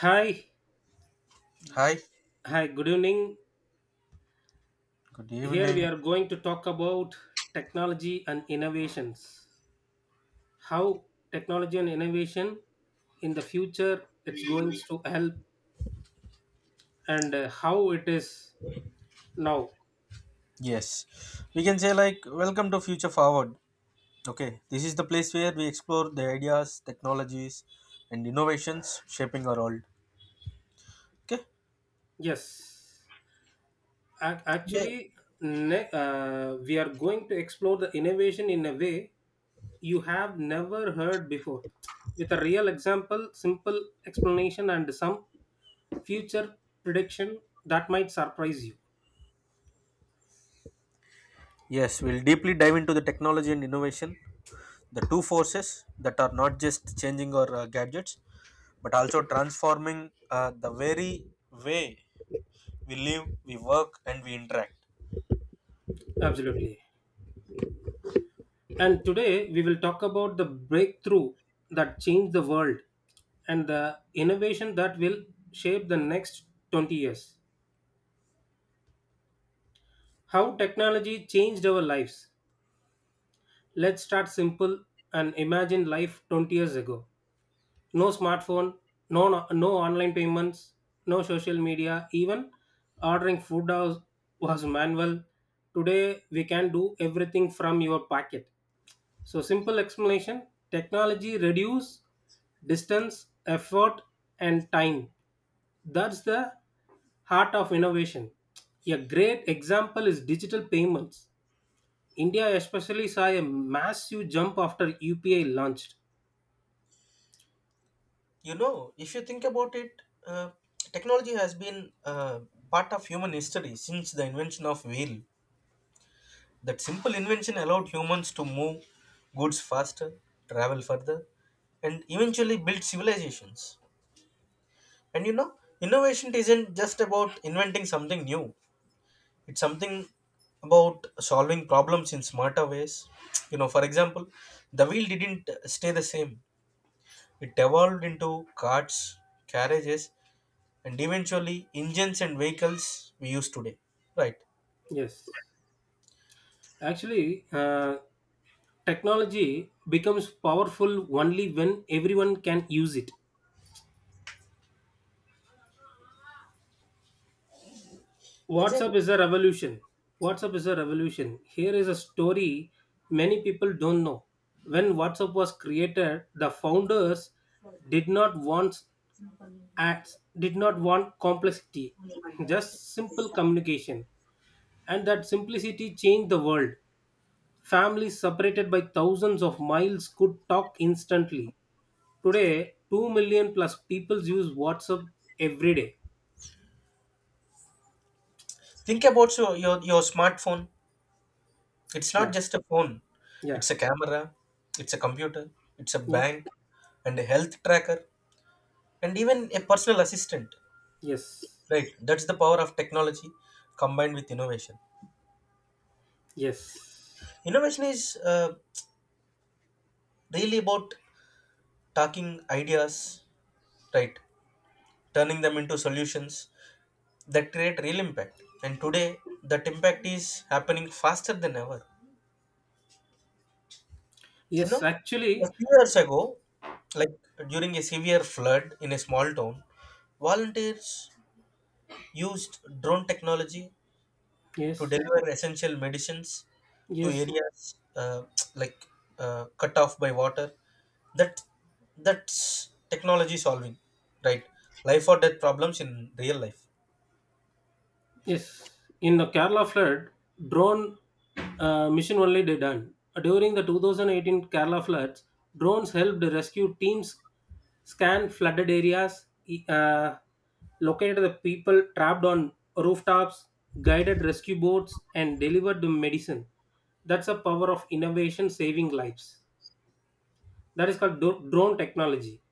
Hi, Hi, hi, good evening. good Here we evening. are going to talk about technology and innovations. How technology and innovation in the future it's going to help and how it is now. Yes, we can say, like, welcome to Future Forward. Okay, this is the place where we explore the ideas, technologies, and innovations shaping our world. Okay. Yes. Yeah. Actually, we are going to explore the innovation in a way you have never heard before with a real example, simple explanation, and some future prediction that might surprise you. Yes, we'll deeply dive into the technology and innovation, the two forces that are not just changing our gadgets but also transforming the very way we live, we work, and we interact. Absolutely. And today we will talk about the breakthrough that changed the world and the innovation that will shape the next 20 years. How technology changed our lives. Let's start simple and imagine life 20 years ago. No smartphone, no online payments, no social media, even ordering food was manual. Today we can do everything from your pocket. So simple explanation, technology reduce distance, effort and time. That's the heart of innovation. A great example is digital payments. India especially saw a massive jump after UPI launched. You know, if you think about it, uh, technology has been part of human history since the invention of wheel. That simple invention allowed humans to move goods faster, travel further, and eventually build civilizations. And you know, innovation isn't just about inventing something new. It's something about solving problems in smarter ways. You know, for example, the wheel didn't stay the same. It evolved into carts, carriages, and eventually engines and vehicles we use today, right? Yes. Actually, technology becomes powerful only when everyone can use it. Exactly. WhatsApp is a revolution. WhatsApp is a revolution. Here is a story many people don't know. When WhatsApp was created, the founders did not want ads, did not want complexity, just simple communication. And that simplicity changed the world. Families separated by thousands of miles could talk instantly. Today, 2 million plus people use WhatsApp every day. Think about, so your smartphone, it's not Yeah, just a phone, yeah, it's a camera, it's a computer, it's a yes, bank, and a health tracker, and even a personal assistant, yes, right? That's the power of technology combined with innovation. yes. Innovation is, uh, really about talking ideas, right, turning them into solutions that create real impact, and today that impact is happening faster than ever. You Yes, know, a actually, few years ago, like during a severe flood in a small town, volunteers used drone technology to yes, deliver essential medicines to yes, areas, uh, like cut off by water. That that's technology solving, right? Life or death problems in real life. yes. In the Kerala flood, drone mission only they done. During the 2018 Kerala floods, drones helped rescue teams scan flooded areas, located the people trapped on rooftops, guided rescue boats, and delivered the medicine. That's the power of innovation saving lives. That is called drone technology.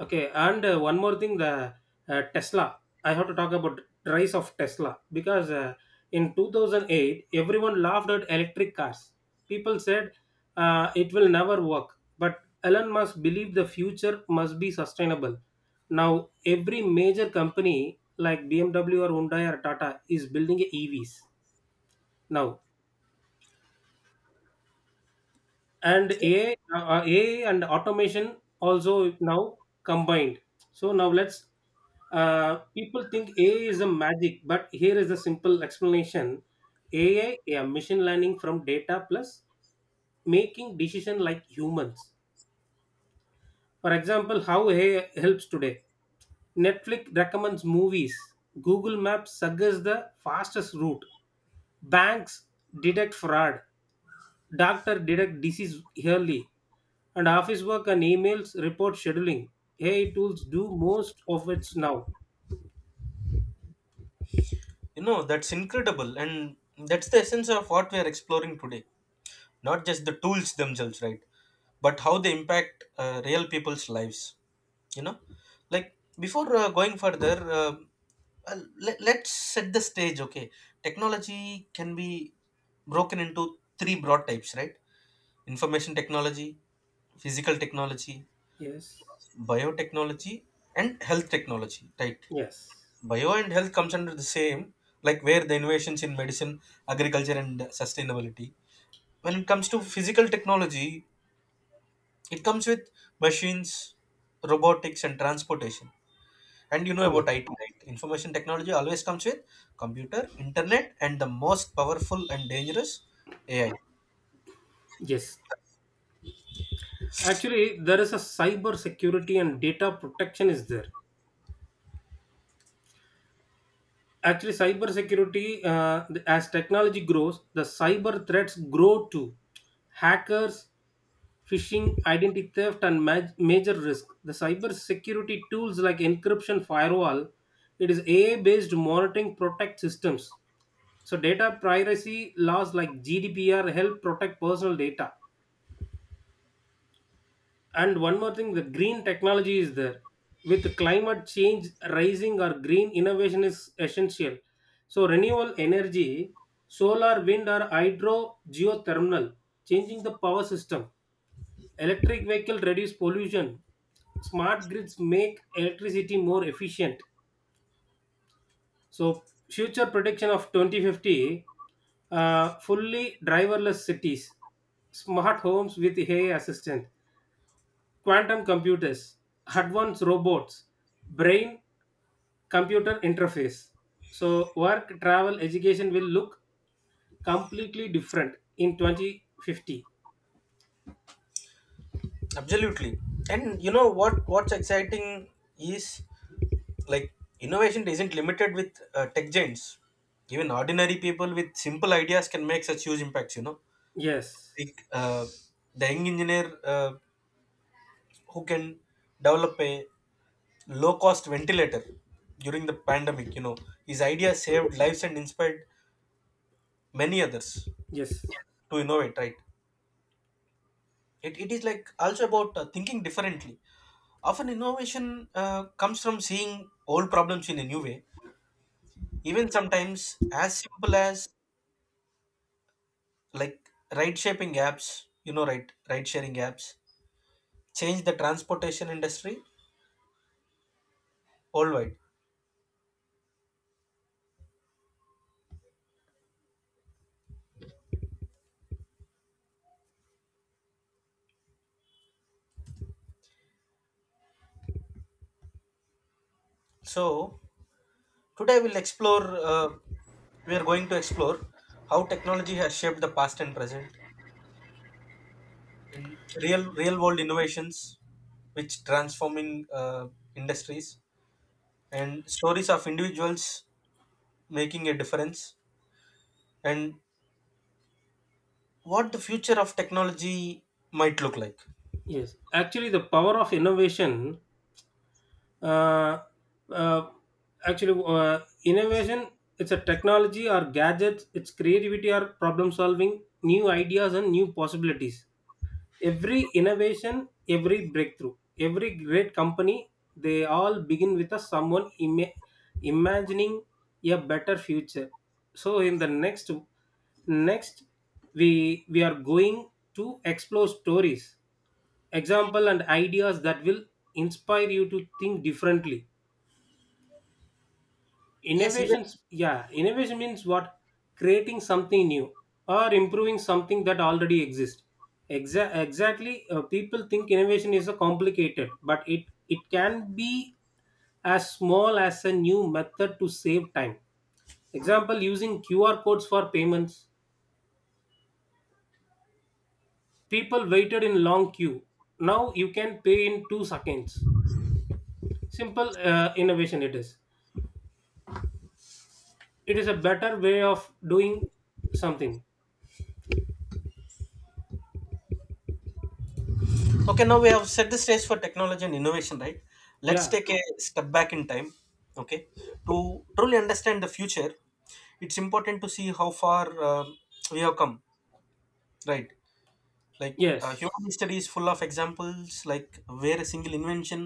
Okay, and one more thing, the Tesla. I have to talk about rise of Tesla because in 2008 everyone laughed at electric cars. People said it will never work, but Elon Musk believed the future must be sustainable. Now every major company like BMW or Hyundai or Tata is building a EVs. Now and AI and automation also now combined. So now let's people think AI is a magic, but here is a simple explanation: AI, yeah, machine learning from data plus making decision like humans. For example, how AI helps today: Netflix recommends movies, Google Maps suggests the fastest route, banks detect fraud, Doctor detect disease early, and office work and emails report scheduling. AI tools do most of it now. You know, that's incredible, and that's the essence of what we are exploring today. Not just the tools themselves, right, but how they impact real people's lives, you know like before going further, uh, let's set the stage. Okay, technology can be broken into three broad types, right? Information technology, physical technology, Yes. biotechnology, and health technology, right? Yes. Bio and health comes under the same, like where the innovations in medicine, agriculture, and sustainability. When it comes to physical technology, it comes with machines, robotics, and transportation. And you know about Yes. IT, right? Information technology always comes with computer, internet, and the most powerful and dangerous AI. Yes. Actually, there is a cyber security and data protection is there. Actually cyber security as technology grows the cyber threats grow too, hackers, phishing, identity theft and major risk. The cyber security tools like encryption, firewall, it is AI based monitoring protect systems. So data privacy laws like GDPR help protect personal data. And one more thing, the green technology is there. With climate change rising, or green innovation is essential. So renewable energy, solar, wind, or hydro, geothermal, changing the power system. Electric vehicle reduce pollution. Smart grids make electricity more efficient. So future prediction of 2050, fully driverless cities, smart homes with AI assistant, quantum computers, advanced robots, brain computer interface. So work, travel, education will look completely different in 2050. Absolutely. And you know what? What's exciting is, like, innovation isn't limited with tech giants. Even ordinary people with simple ideas can make such huge impacts. You know, Yes, like the young engineer, who can develop a low cost ventilator during the pandemic, his idea saved lives and inspired many others yes, to innovate, right? It is, like, also about thinking differently. Often innovation comes from seeing old problems in a new way, even sometimes as simple as, like, ride shaping apps, you know, right? Ride sharing apps change the transportation industry worldwide. So today we'll explore, uh, we are going to explore how technology has shaped the past and present in real world innovations, which transforming industries and stories of individuals making a difference, and what the future of technology might look like. yes. Actually, the power of innovation, uh, uh, innovation, it's a technology or gadgets, it's creativity or problem solving, new ideas and new possibilities. Every innovation, every breakthrough, every great company, they all begin with a someone imagining a better future. So in the next we are going to explore stories, example and ideas that will inspire you to think differently. Yes, even. Innovations, yeah, innovation means what? Creating something new or improving something that already exists. Exactly, people think innovation is a complicated but it can be as small as a new method to save time, example using QR codes for payments. People waited in long queue, now you can pay in 2 seconds. Simple innovation, it is, it is a better way of doing something. Okay, now we have set the stage for technology and innovation, right? Let's Yeah, take a step back in time, okay, to truly understand the future. It's important to see how far um we have come, right? Like human yes. history is full of examples, like where a single invention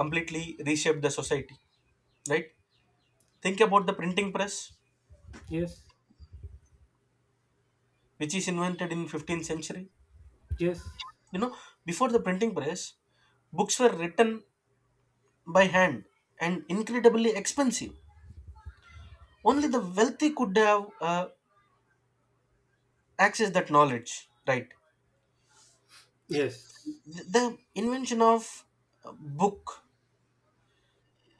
completely reshaped the society, right? Think about the printing press, Yes, which is invented in 15th century. yes, You know, before the printing press, books were written by hand and incredibly expensive. Only the wealthy could have uh, access that knowledge, right? yes, The invention of uh, book,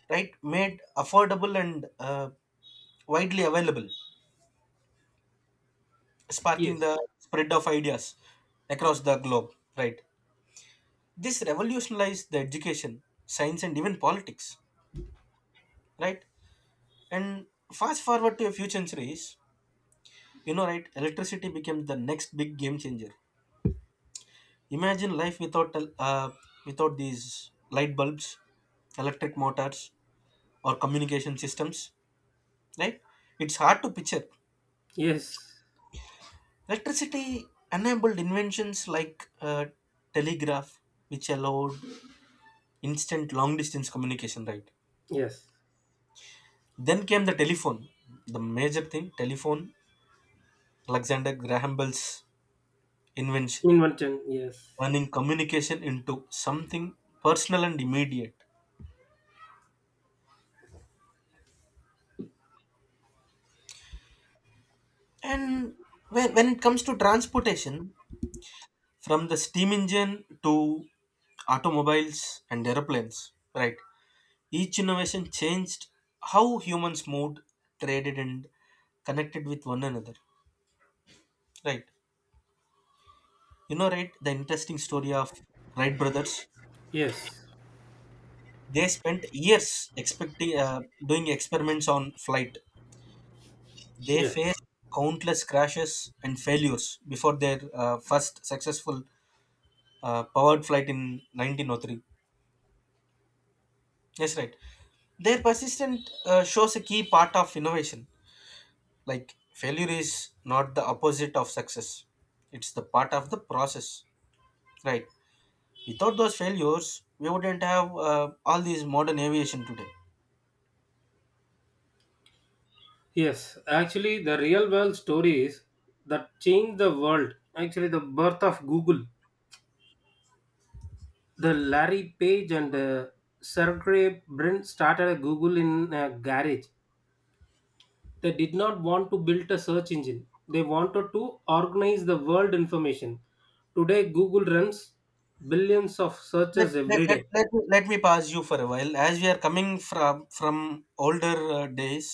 right, made affordable and widely available, sparking yes, the spread of ideas across the globe, right? This revolutionized the education, science, and even politics, right? And fast forward to a few centuries, you know, right? Electricity became the next big game changer. Imagine life without without these light bulbs, electric motors, or communication systems, right? It's hard to picture. yes, Electricity enabled inventions like telegraph, which allowed instant long distance communication, right? yes. Then came the telephone, the major thing, telephone, Alexander Graham Bell's invention, Invention, yes, turning communication into something personal and immediate. And when it comes to transportation, from the steam engine to automobiles and aeroplanes, right, each innovation changed how humans moved, traded, and connected with one another, right? You know, right, the interesting story of Wright brothers. yes, They spent years expecting, doing experiments on flight. They yes, faced countless crashes and failures before their first successful powered flight in 1903. Yes, right. Their persistence shows a key part of innovation. Like failure is not the opposite of success; it's the part of the process. Right. Without those failures, we wouldn't have all these modern aviation today. yes. Actually, the real world stories that changed the world. Actually, the birth of Google. The Larry Page and Sergey Brin started a Google in a garage. They did not want to build a search engine. They wanted to organize the world information. Today, Google runs billions of let, searches let, every let, day. let, me- let me pass you for a while, as we are coming from older days.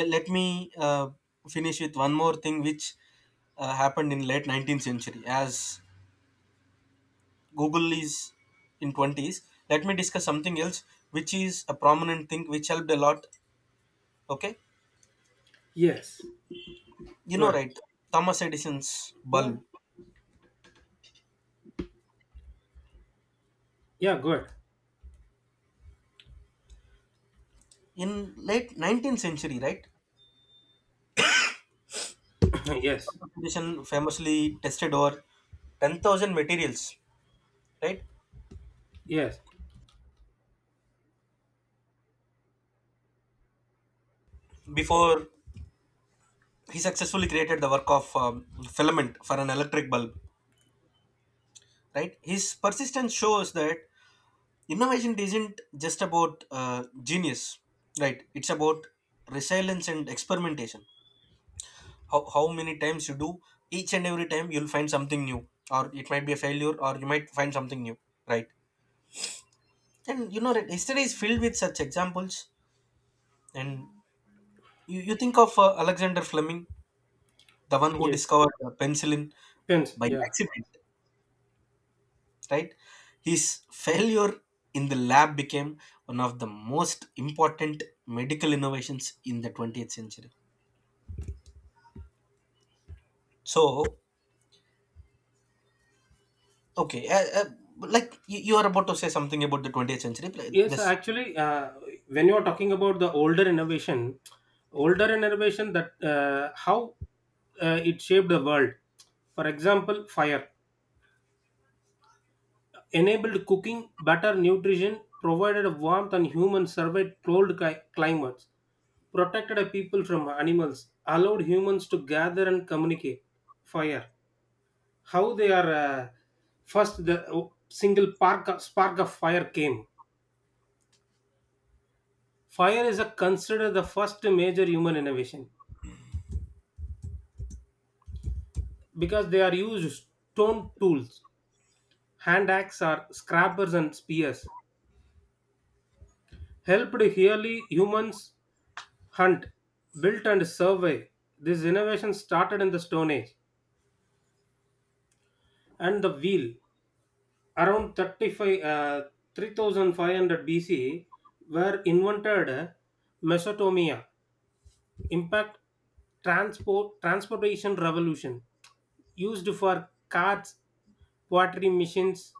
Let me finish with one more thing, which happened in late 19th century, as google is in 20s. Let me discuss something else, which is a prominent thing which helped a lot, okay? Yes. You know, Good. right, Thomas Edison's Yeah. bulb Yeah. Good. in late 19th century, right? yes. Thomas Edison famously tested over 10,000 materials, right, Yes. before he successfully created the work of filament for an electric bulb, right? His persistence shows that innovation isn't just about genius, right? It's about resilience and experimentation. How many times you do, each and every time you'll find something new, or it might be a failure, or you might find something new, right? And you know that history is filled with such examples. And you think of Alexander Fleming, the one who Yes. discovered penicillin Pins. by Yeah. accident, right? His failure in the lab became one of the most important medical innovations in the 20th century. So okay, like you are about to say something about the 20th century, but Yes. this, Actually, when you are talking about the older innovation that how it shaped the world. For example, fire enabled cooking, better nutrition, provided warmth and human survived cold climates, protected a people from animals, allowed humans to gather and communicate. Fire. How they are first the single park spark of fire came. Fire is a considered the first major human innovation, because they are used stone tools, hand axe are scrappers and spears, helped early humans hunt, built and survey. This innovation started in the stone age. And the wheel, around 35 uh, 3500 BC were invented Mesopotamia, impact, transportation revolution, used for carts, pottery machines,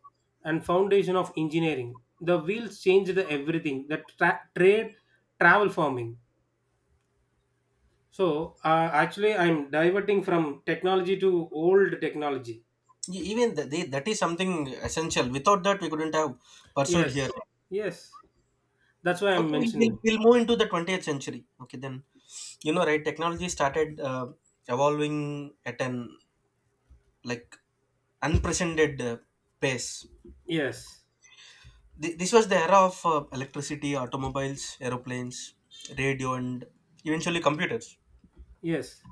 and foundation of engineering. The wheels changed everything, the trade, travel, farming. So actually I'm diverting from technology to old technology. Even that is something essential, without that we couldn't have pursued here. Yes, yes, that's why I'm Okay, we'll, we'll, mentioning. we'll move into the 20th century, okay, then. You know, right, technology started evolving at an, like, unprecedented pace. Yes, This was the era of electricity, automobiles, aeroplanes, radio, and eventually computers. yes.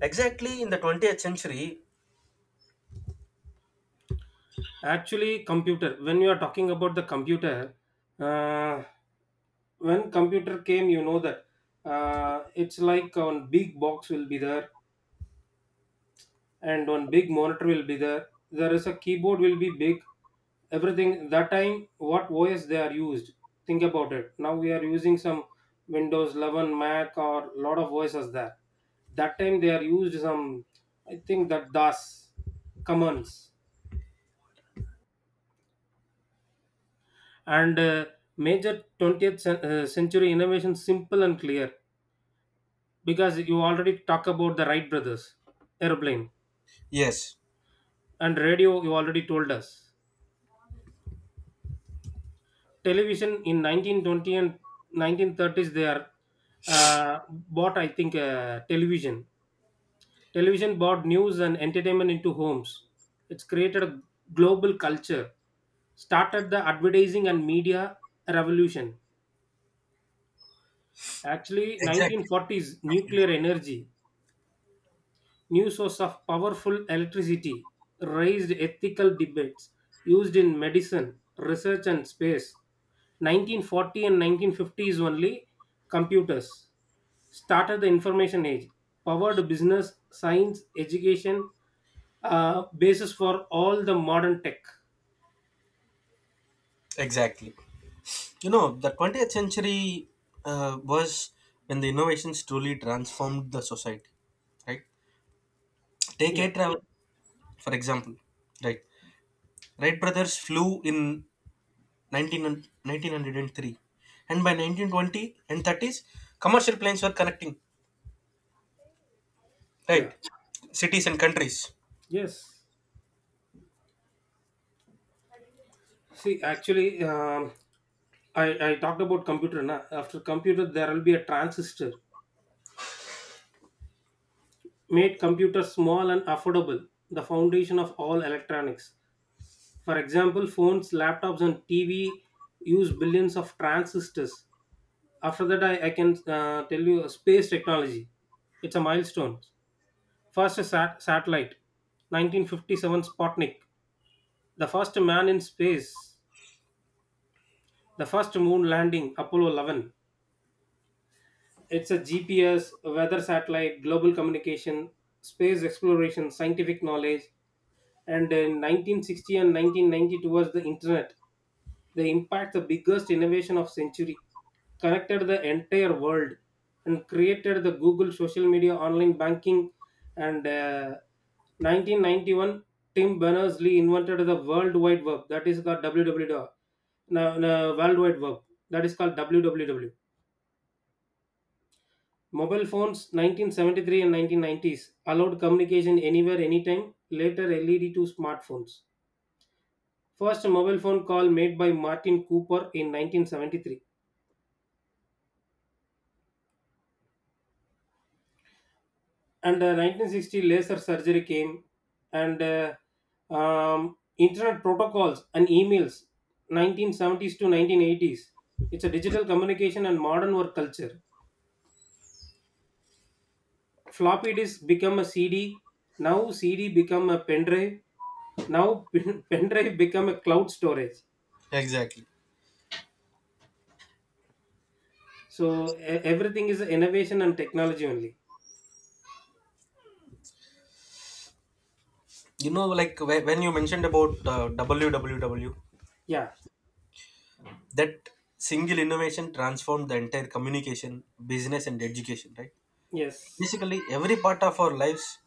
Exactly in the 20th century. Actually, computer. When you are talking about the computer, uh, when computer came, you know that it's like one big box will be there, and one big monitor will be there. There is a keyboard will be big. Everything that time, what OS they are used. Think about it. Now we are using some Windows 11, Mac, or lot of OSs there. That time they are used some. I think that DOS commands. And major century innovation simple and clear because you already talk about the Wright brothers airplane, Yes, and radio you already told us. Television in 1920 and 1930s, they are bought, I think, television. Television brought news and entertainment into homes. It's created a global culture, started the advertising and media revolution. Actually exactly. 1940s, nuclear energy, new source of powerful electricity, raised ethical debates, used in medicine, research, and space. 1940 and 1950s only, computers started the information age, powered business, science, education, basis for all the modern tech. Exactly. You know, the 20th century was when the innovations truly transformed the society, right? Take air Yeah, travel, for example, right? Wright brothers flew in 1903, and by 1920 and 30s, commercial planes were connecting, yeah, right? Cities and countries. yes. See, actually, I talked about computer. Na? After computer, there will be a transistor, made computers small and affordable, the foundation of all electronics. For example, phones, laptops, and TV use billions of transistors. After that, I can tell you space technology. It's a milestone. First satellite, 1957 Sputnik, the first man in space, the first moon landing, Apollo 11. It's a GPS, weather satellite, global communication, space exploration, scientific knowledge. And in 1960 and 1992 was the internet. The impact, the biggest innovation of century, connected the entire world and created the Google, social media, online banking. And 1991 Tim Berners-Lee invented the World Wide Web, that is called WWW. Now, no, World Wide Web, that is called WWW. Mobile phones 1973 and 1990s allowed communication anywhere, anytime, later LED to smartphones. First mobile phone call made by Martin Cooper in 1973. And 1960 laser surgery came. And internet protocols and emails 1970s to 1980s. It's a digital communication and modern work culture. Floppy disk become a CD. Now CD become a pendrive. Now pendrive become a cloud storage. Exactly. So everything is innovation and technology only. You know, like when you mentioned about WWW, Yeah. that single innovation transformed the entire communication, business, and education, right? Yes. Basically, every part of our lives,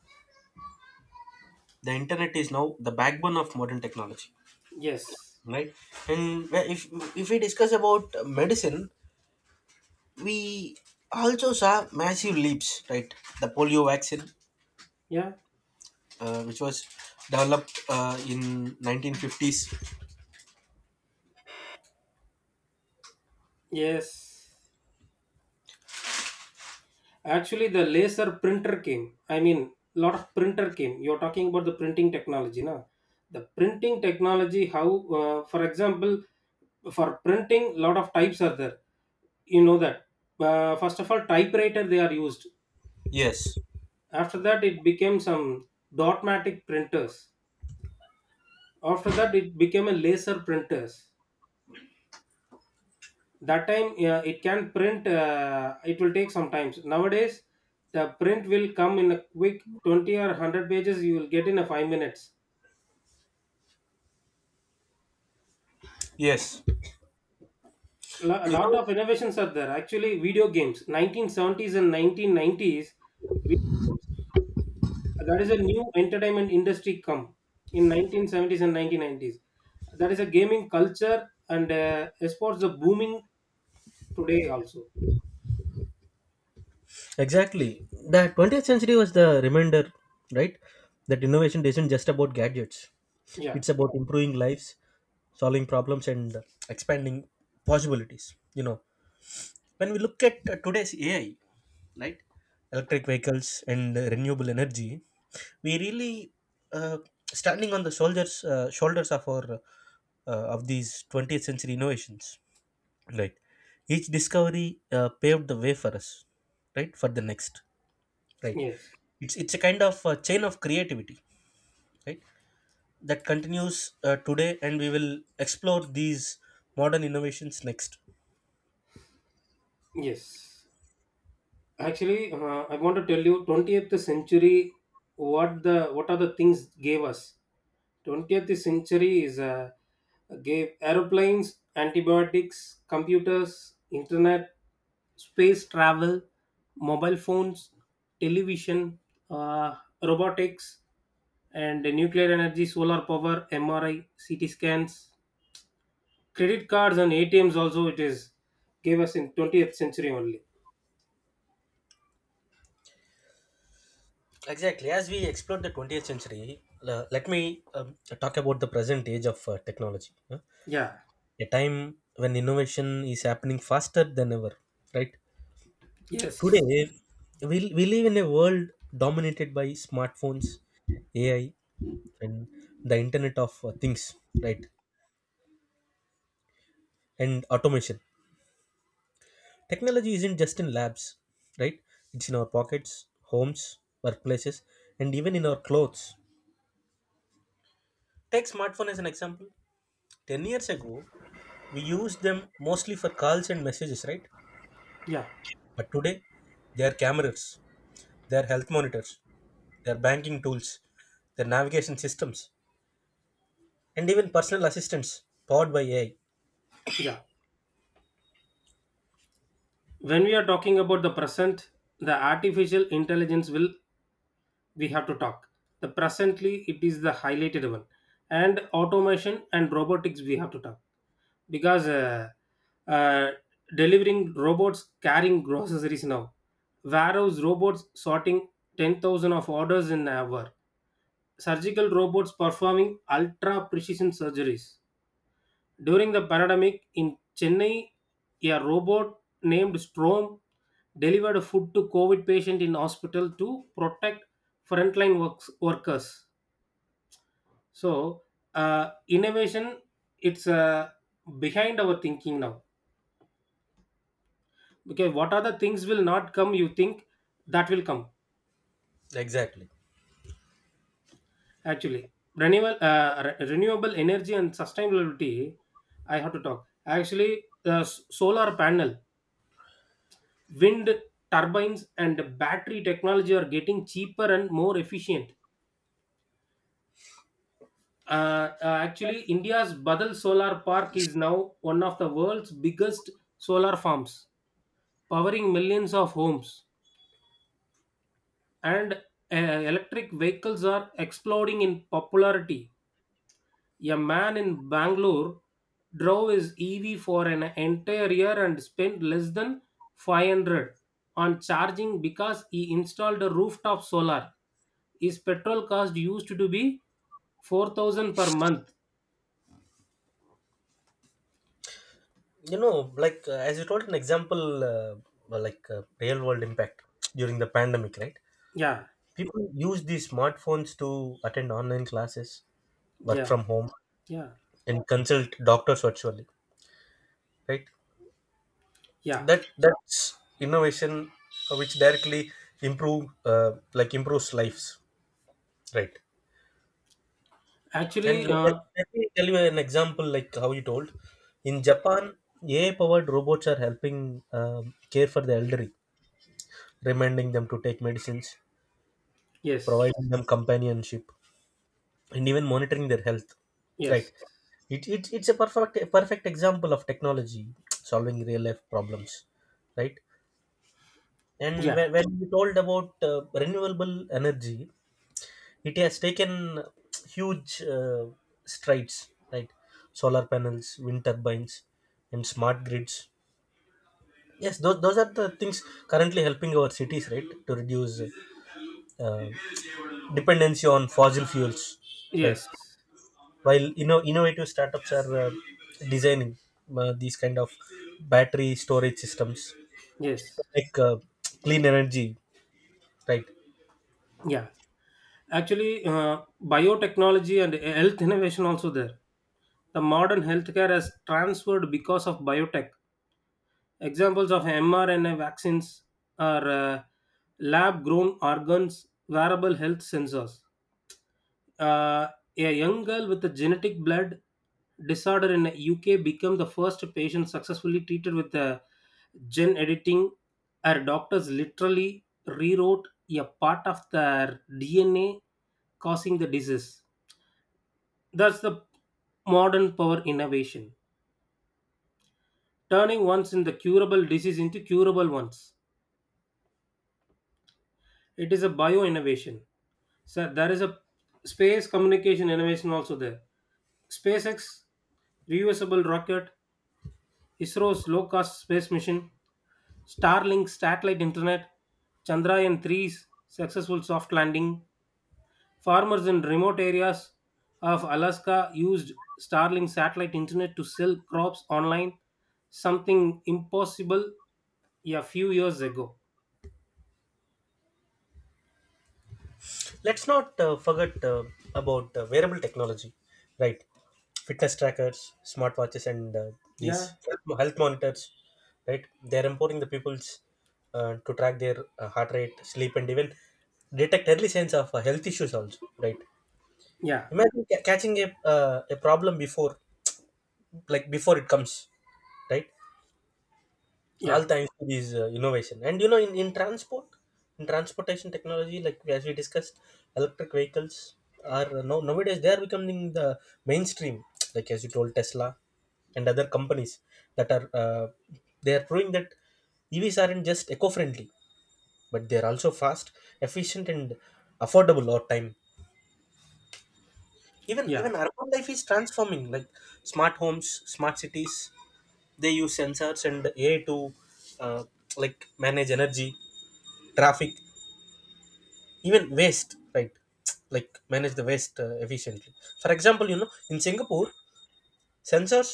the internet is now the backbone of modern technology, Yes. right? And if we discuss about medicine, we also saw massive leaps, right? The polio vaccine, Yeah. Which was developed in 1950s. Yes. Actually, the laser printer came. I mean, lot of printer came. You're talking about the printing technology, na? The printing technology. How, for example, for printing, lot of types are there. You know that. First of all, typewriter they are used. Yes, After that, it became some dotmatic printers. After that, it became a laser printers. That time it can print, it will take some times. Nowadays the print will come in a quick 20 or 100 pages, you will get in a 5 minutes. yes. A You lot know. of innovations are there. Actually video games 1970s and 1990s, video games, that is a new entertainment industry come in 1970s and 1990s. That is a gaming culture, and esports are booming today also. Exactly. The 20th century was the reminder, right? That innovation isn't just about gadgets. Yeah, It's about improving lives, solving problems, and expanding possibilities. You know, when we look at today's AI, right? Electric vehicles and renewable energy, we really, uh, standing on the soldiers, shoulders of our, of these 20th century innovations. Right. Each discovery paved the way for us, right? For the next, right, yes, it's a kind of a chain of creativity, right, that continues today, and we will explore these modern innovations next. yes. Actually, I want to tell you, 20th century, what the what are the things gave us? 20th century is gave aeroplanes, antibiotics, computers, internet, space travel, mobile phones, television, uh, robotics, and nuclear energy, solar power, MRI, CT scans, credit cards, and ATMs. Also, it is gave us in 20th century only. Exactly, as we explore the 20th century, let me um, talk about the present age of technology, huh? Yeah. A time when innovation is happening faster than ever, right? Today, Yes. we live in a world dominated by smartphones, AI, and the internet of things, right, and automation. Technology isn't just in labs, right? It's in our pockets, homes, workplaces, and even in our clothes. Take smartphone as an example. 10 years ago, we used them mostly for calls and messages, right? Yeah. But today, they are cameras, they are health monitors, they are banking tools, they are navigation systems, and even personal assistants powered by AI. Yeah. When we are talking about the present, the artificial intelligence will we have to talk. The presently it is the highlighted one, and automation and robotics we have to talk because uh, delivering robots carrying groceries now, warehouse robots sorting 10,000 of orders in an hour, surgical robots performing ultra precision surgeries. During the pandemic in Chennai, a robot named Strom delivered food to COVID patient in hospital to protect workers. So, innovation it's behind our thinking now. Okay, what are the things will not come? You think that will come Exactly. actually? Renewable energy and sustainability. I have to talk actually. The solar panel wind turbines and battery technology are getting cheaper and more efficient. Uh, Actually, India's Badal Solar Park is now one of the world's biggest solar farms, powering millions of homes. And electric vehicles are exploding in popularity. A man in Bangalore drove his EV for an entire year and spent less than 500 on charging because he installed a rooftop solar. His petrol cost used to be 4000 per month. You know, like as you told an example, well, like, real world impact during the pandemic, right? Yeah, People use these smartphones to attend online classes, work yeah, from home, yeah, and consult doctors virtually. Right? yeah, That's innovation, which directly improve like improves lives. Right? And actually let, let me tell you an example, like how you told. In Japan, AI powered robots are helping, care for the elderly, reminding them to take medicines, yes, providing them companionship, and even monitoring their health, right. yes, It's a perfect example of technology solving real life problems, right. And yeah, when you told about renewable energy, it has taken huge strides, right. Solar panels, wind turbines, and smart grids. Yes, those are the things currently helping our cities, right, to reduce uh, dependency on fossil fuels, right. yes, While innovative startups are designing these kind of battery storage systems, yes, like clean energy, right. yeah, actually biotechnology and health innovation also there. The modern healthcare has transferred because of biotech. Examples of mrna vaccines are lab grown organs, wearable health sensors. Uh, a young girl with a genetic blood disorder in the UK became the first patient successfully treated with the gene editing. Her doctors literally rewrote a part of their DNA causing the disease. That's the modern power innovation, turning once in the curable disease into curable ones. It is a bio innovation. So there is a space communication innovation also there. SpaceX reusable rocket, ISRO's low cost space mission, Starlink satellite internet, Chandrayaan 3's successful soft landing, farmers in remote areas of Alaska used Starlink satellite internet to sell crops online, something impossible a few years ago. Let's not forget about wearable technology, right. Fitness trackers, smartwatches, and these Yeah, health monitors, right. They're empowering the people's to track their heart rate, sleep, and even detect early signs of health issues also, right. yeah, Imagine catching a problem before, like before it comes, right. All yeah, thanks to these innovation. And you know, in transportation technology, like as we discussed, electric vehicles are now, nowadays they are becoming the mainstream, like as you told, Tesla and other companies that are they are proving that EVs aren't just eco-friendly, but they are also fast, efficient, and affordable over time. even yeah, even urban life is transforming, like smart homes, smart cities. They use sensors and AI to uh, like manage energy, traffic, even waste, right, like manage the waste efficiently. For example, you know, in Singapore, sensors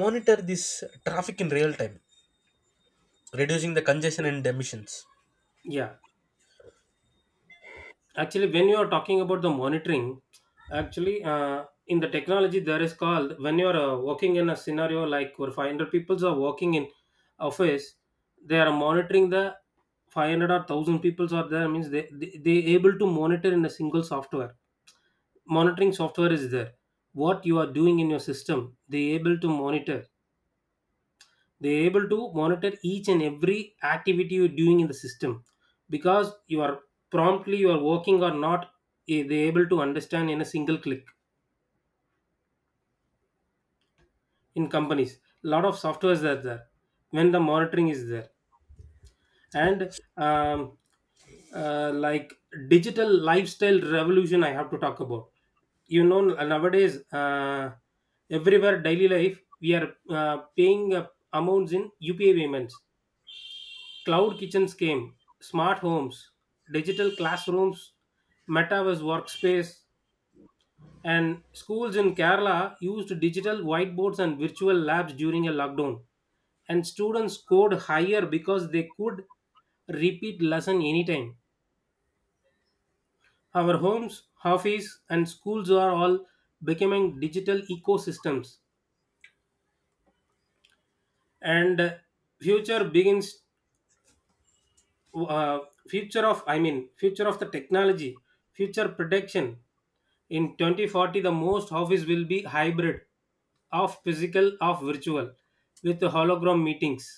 monitor this traffic in real time, reducing the congestion and emissions. yeah. Actually when you are talking about the monitoring, actually in the technology there is called when you are working in a scenario like where 500 people are working in office, they are monitoring the 500 or 1000 people are there means they able to monitor in a single software. Monitoring software is there. What you are doing in your system they able to monitor. They are able to monitor each and every activity you're doing in the system because you are promptly you are working or not. Eh, they are able to understand in a single click. In companies a lot of softwares are there when the monitoring is there. And um, like digital lifestyle revolution I have to talk about. You know, nowadays everywhere daily life we are paying amounts in upi payments. Cloud kitchens came, smart homes, digital classrooms, metaverse workspace, and schools in Kerala used digital whiteboards and virtual labs during a lockdown. And students scored higher because they could repeat lesson anytime. Our homes, office, and schools are all becoming digital ecosystems. And future begins uh, future of future of the technology, future prediction. In 2040, the most office will be hybrid of physical of virtual with the hologram meetings.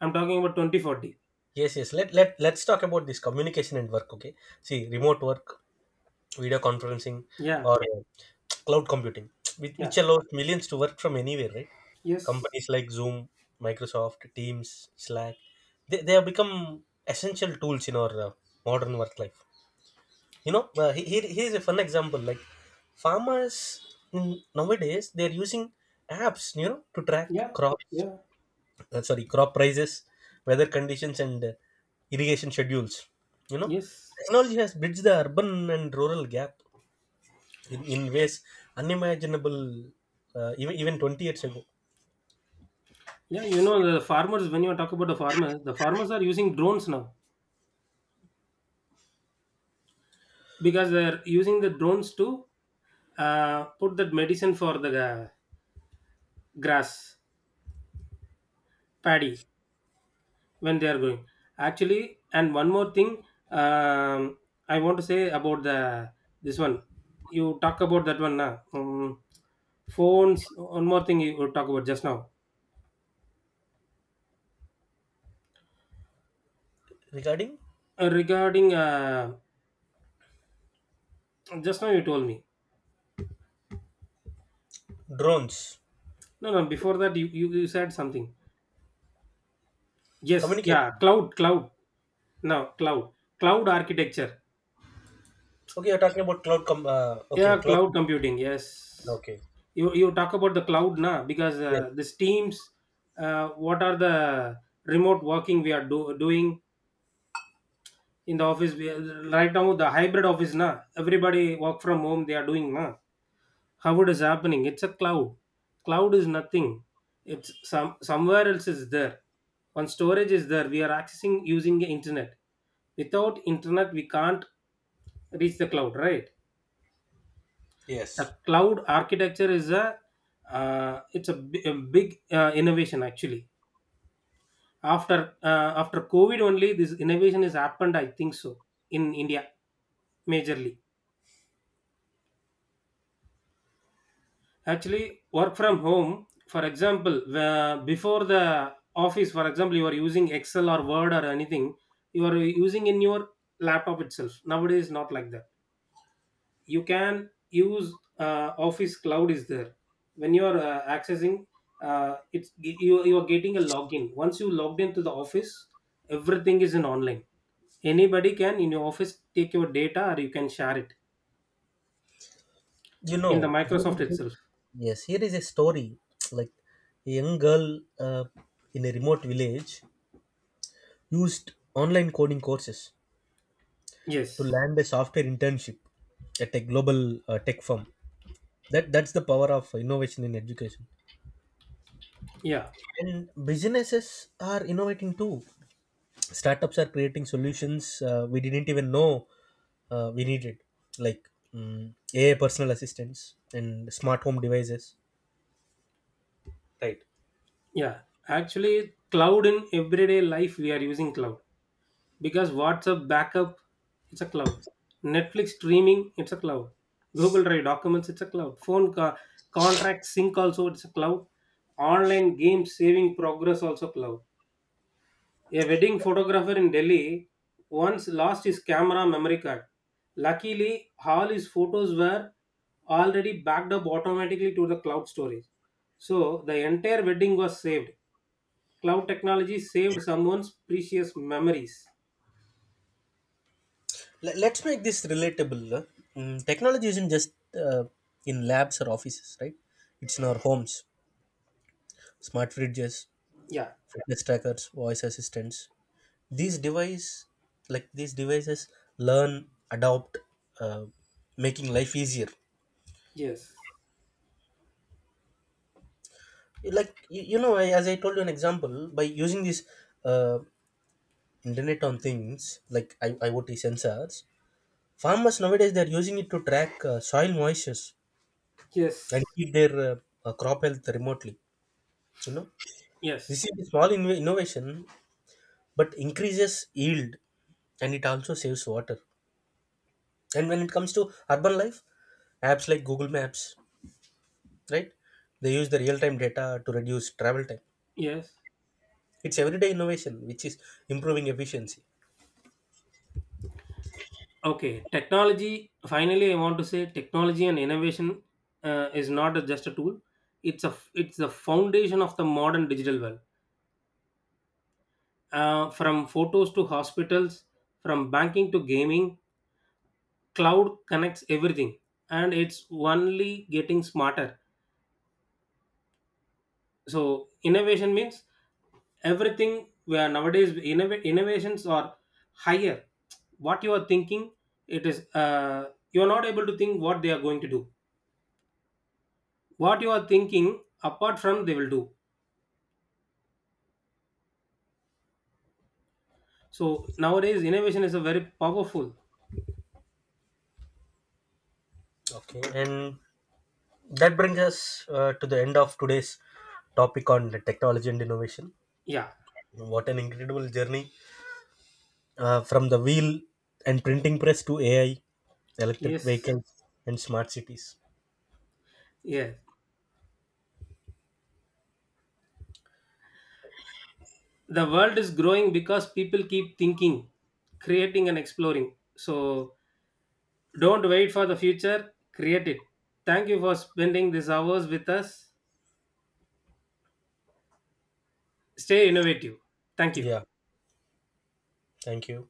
I'm talking about 2040. Yes. Let let's talk about this communication and work. Okay, see, remote work, video conferencing, Yeah, or cloud computing, which yeah, allows millions to work from anywhere, right. yes, Companies like Zoom, Microsoft Teams, Slack, they have become essential tools in our modern work life. You know, here's a fun example, like farmers in, nowadays, they're using apps, you know, to track yeah, crops, yeah, sorry, crop prices, weather conditions, and irrigation schedules, you know. yes. Technology has bridged the urban and rural gap in ways unimaginable even, even 20 years ago. Yeah, you know, the farmers, when you talk about the farmers are using drones now because they're using the drones to put that medicine for the grass, paddy, when they are going actually. And one more thing, um, I want to say about the this one. You talk about that one now. Phones, one more thing you would talk about just now. Regarding Regarding just now you told me, drones, no, before that you said something. Yes. communication. Yeah, cloud cloud now cloud, cloud architecture. Okay, you're talking about cloud com okay, Yeah, cloud cloud. computing. Yes, Okay. you talk about the cloud now because Yes. These teams. What are the remote working we are doing in the office? We are- right now the hybrid office now everybody work from home. They are doing now. How it is happening? It's a cloud. Cloud is nothing. It's somewhere else is there. One storage is there. We are accessing using the internet. Without internet, we can't reach the cloud, right? Yes. The cloud architecture is a a big innovation actually. After COVID only, this innovation has happened. I think so, in India majorly. Actually, work from home. For example, before the office, for example, you are using Excel or Word or anything. You are using in your laptop itself. Nowadays, not like that, you can use office cloud is there. When you are accessing it's you are getting a login. Once you logged into the office everything is in online. Anybody can in your office take your data or you can share it You know, in the here microsoft is- itself. yes, here is a story, like a young girl uh, in a remote village used online coding courses to Yes. land a software internship at a global tech firm. That that's the power of innovation in education. Yeah, And businesses are innovating too. Startups are creating solutions we didn't even know we needed, like mm AI personal assistants and smart home devices, right. yeah, actually cloud in everyday life we are using cloud because WhatsApp backup it's a cloud, Netflix streaming it's a cloud, Google Drive documents it's a cloud, contract sync also it's a cloud, online game saving progress also cloud. A wedding photographer in Delhi once lost his camera memory card. Luckily, all his photos were already backed up automatically to the cloud storage. So the entire wedding was saved. Cloud technology saved someone's precious memories. Let's make this relatable, technology isn't just uh, in labs or offices, right. It's in our homes, smart fridges, Yeah, fitness trackers, voice assistants. These device like these devices learn, adopt, uh, making life easier. yes. Like you know, as I told you an example, by using these uh, internet on things, like IoT sensors, farmers nowadays they're using it to track soil moistures and Yes. keep their crop health remotely, you know. This Yes. is a small innovation, but increases yield, and it also saves water. And when it comes to urban life, apps like Google Maps, right, they use the real-time data to reduce travel time. Yes. It's everyday innovation which is improving efficiency. Okay. Technology. Finally, I want to say technology and innovation is not a- just a tool. It's a. It's the foundation of the modern digital world. From photos to hospitals, from banking to gaming, cloud connects everything, and it's only getting smarter. So innovation means everything. Where nowadays innovations are higher, what you are thinking it is you are not able to think what they are going to do. What you are thinking apart from they will do. So nowadays innovation is a very powerful. Okay, and that brings us to the end of today's topic on technology and innovation. Yeah, What an incredible journey, from the wheel and printing press to AI, electric yes, vehicles, and smart cities. yes, the world is growing because people keep thinking, creating and exploring. So don't wait for the future, create it. Thank you for spending these hours with us. Stay innovative. Thank you. Yeah, thank you.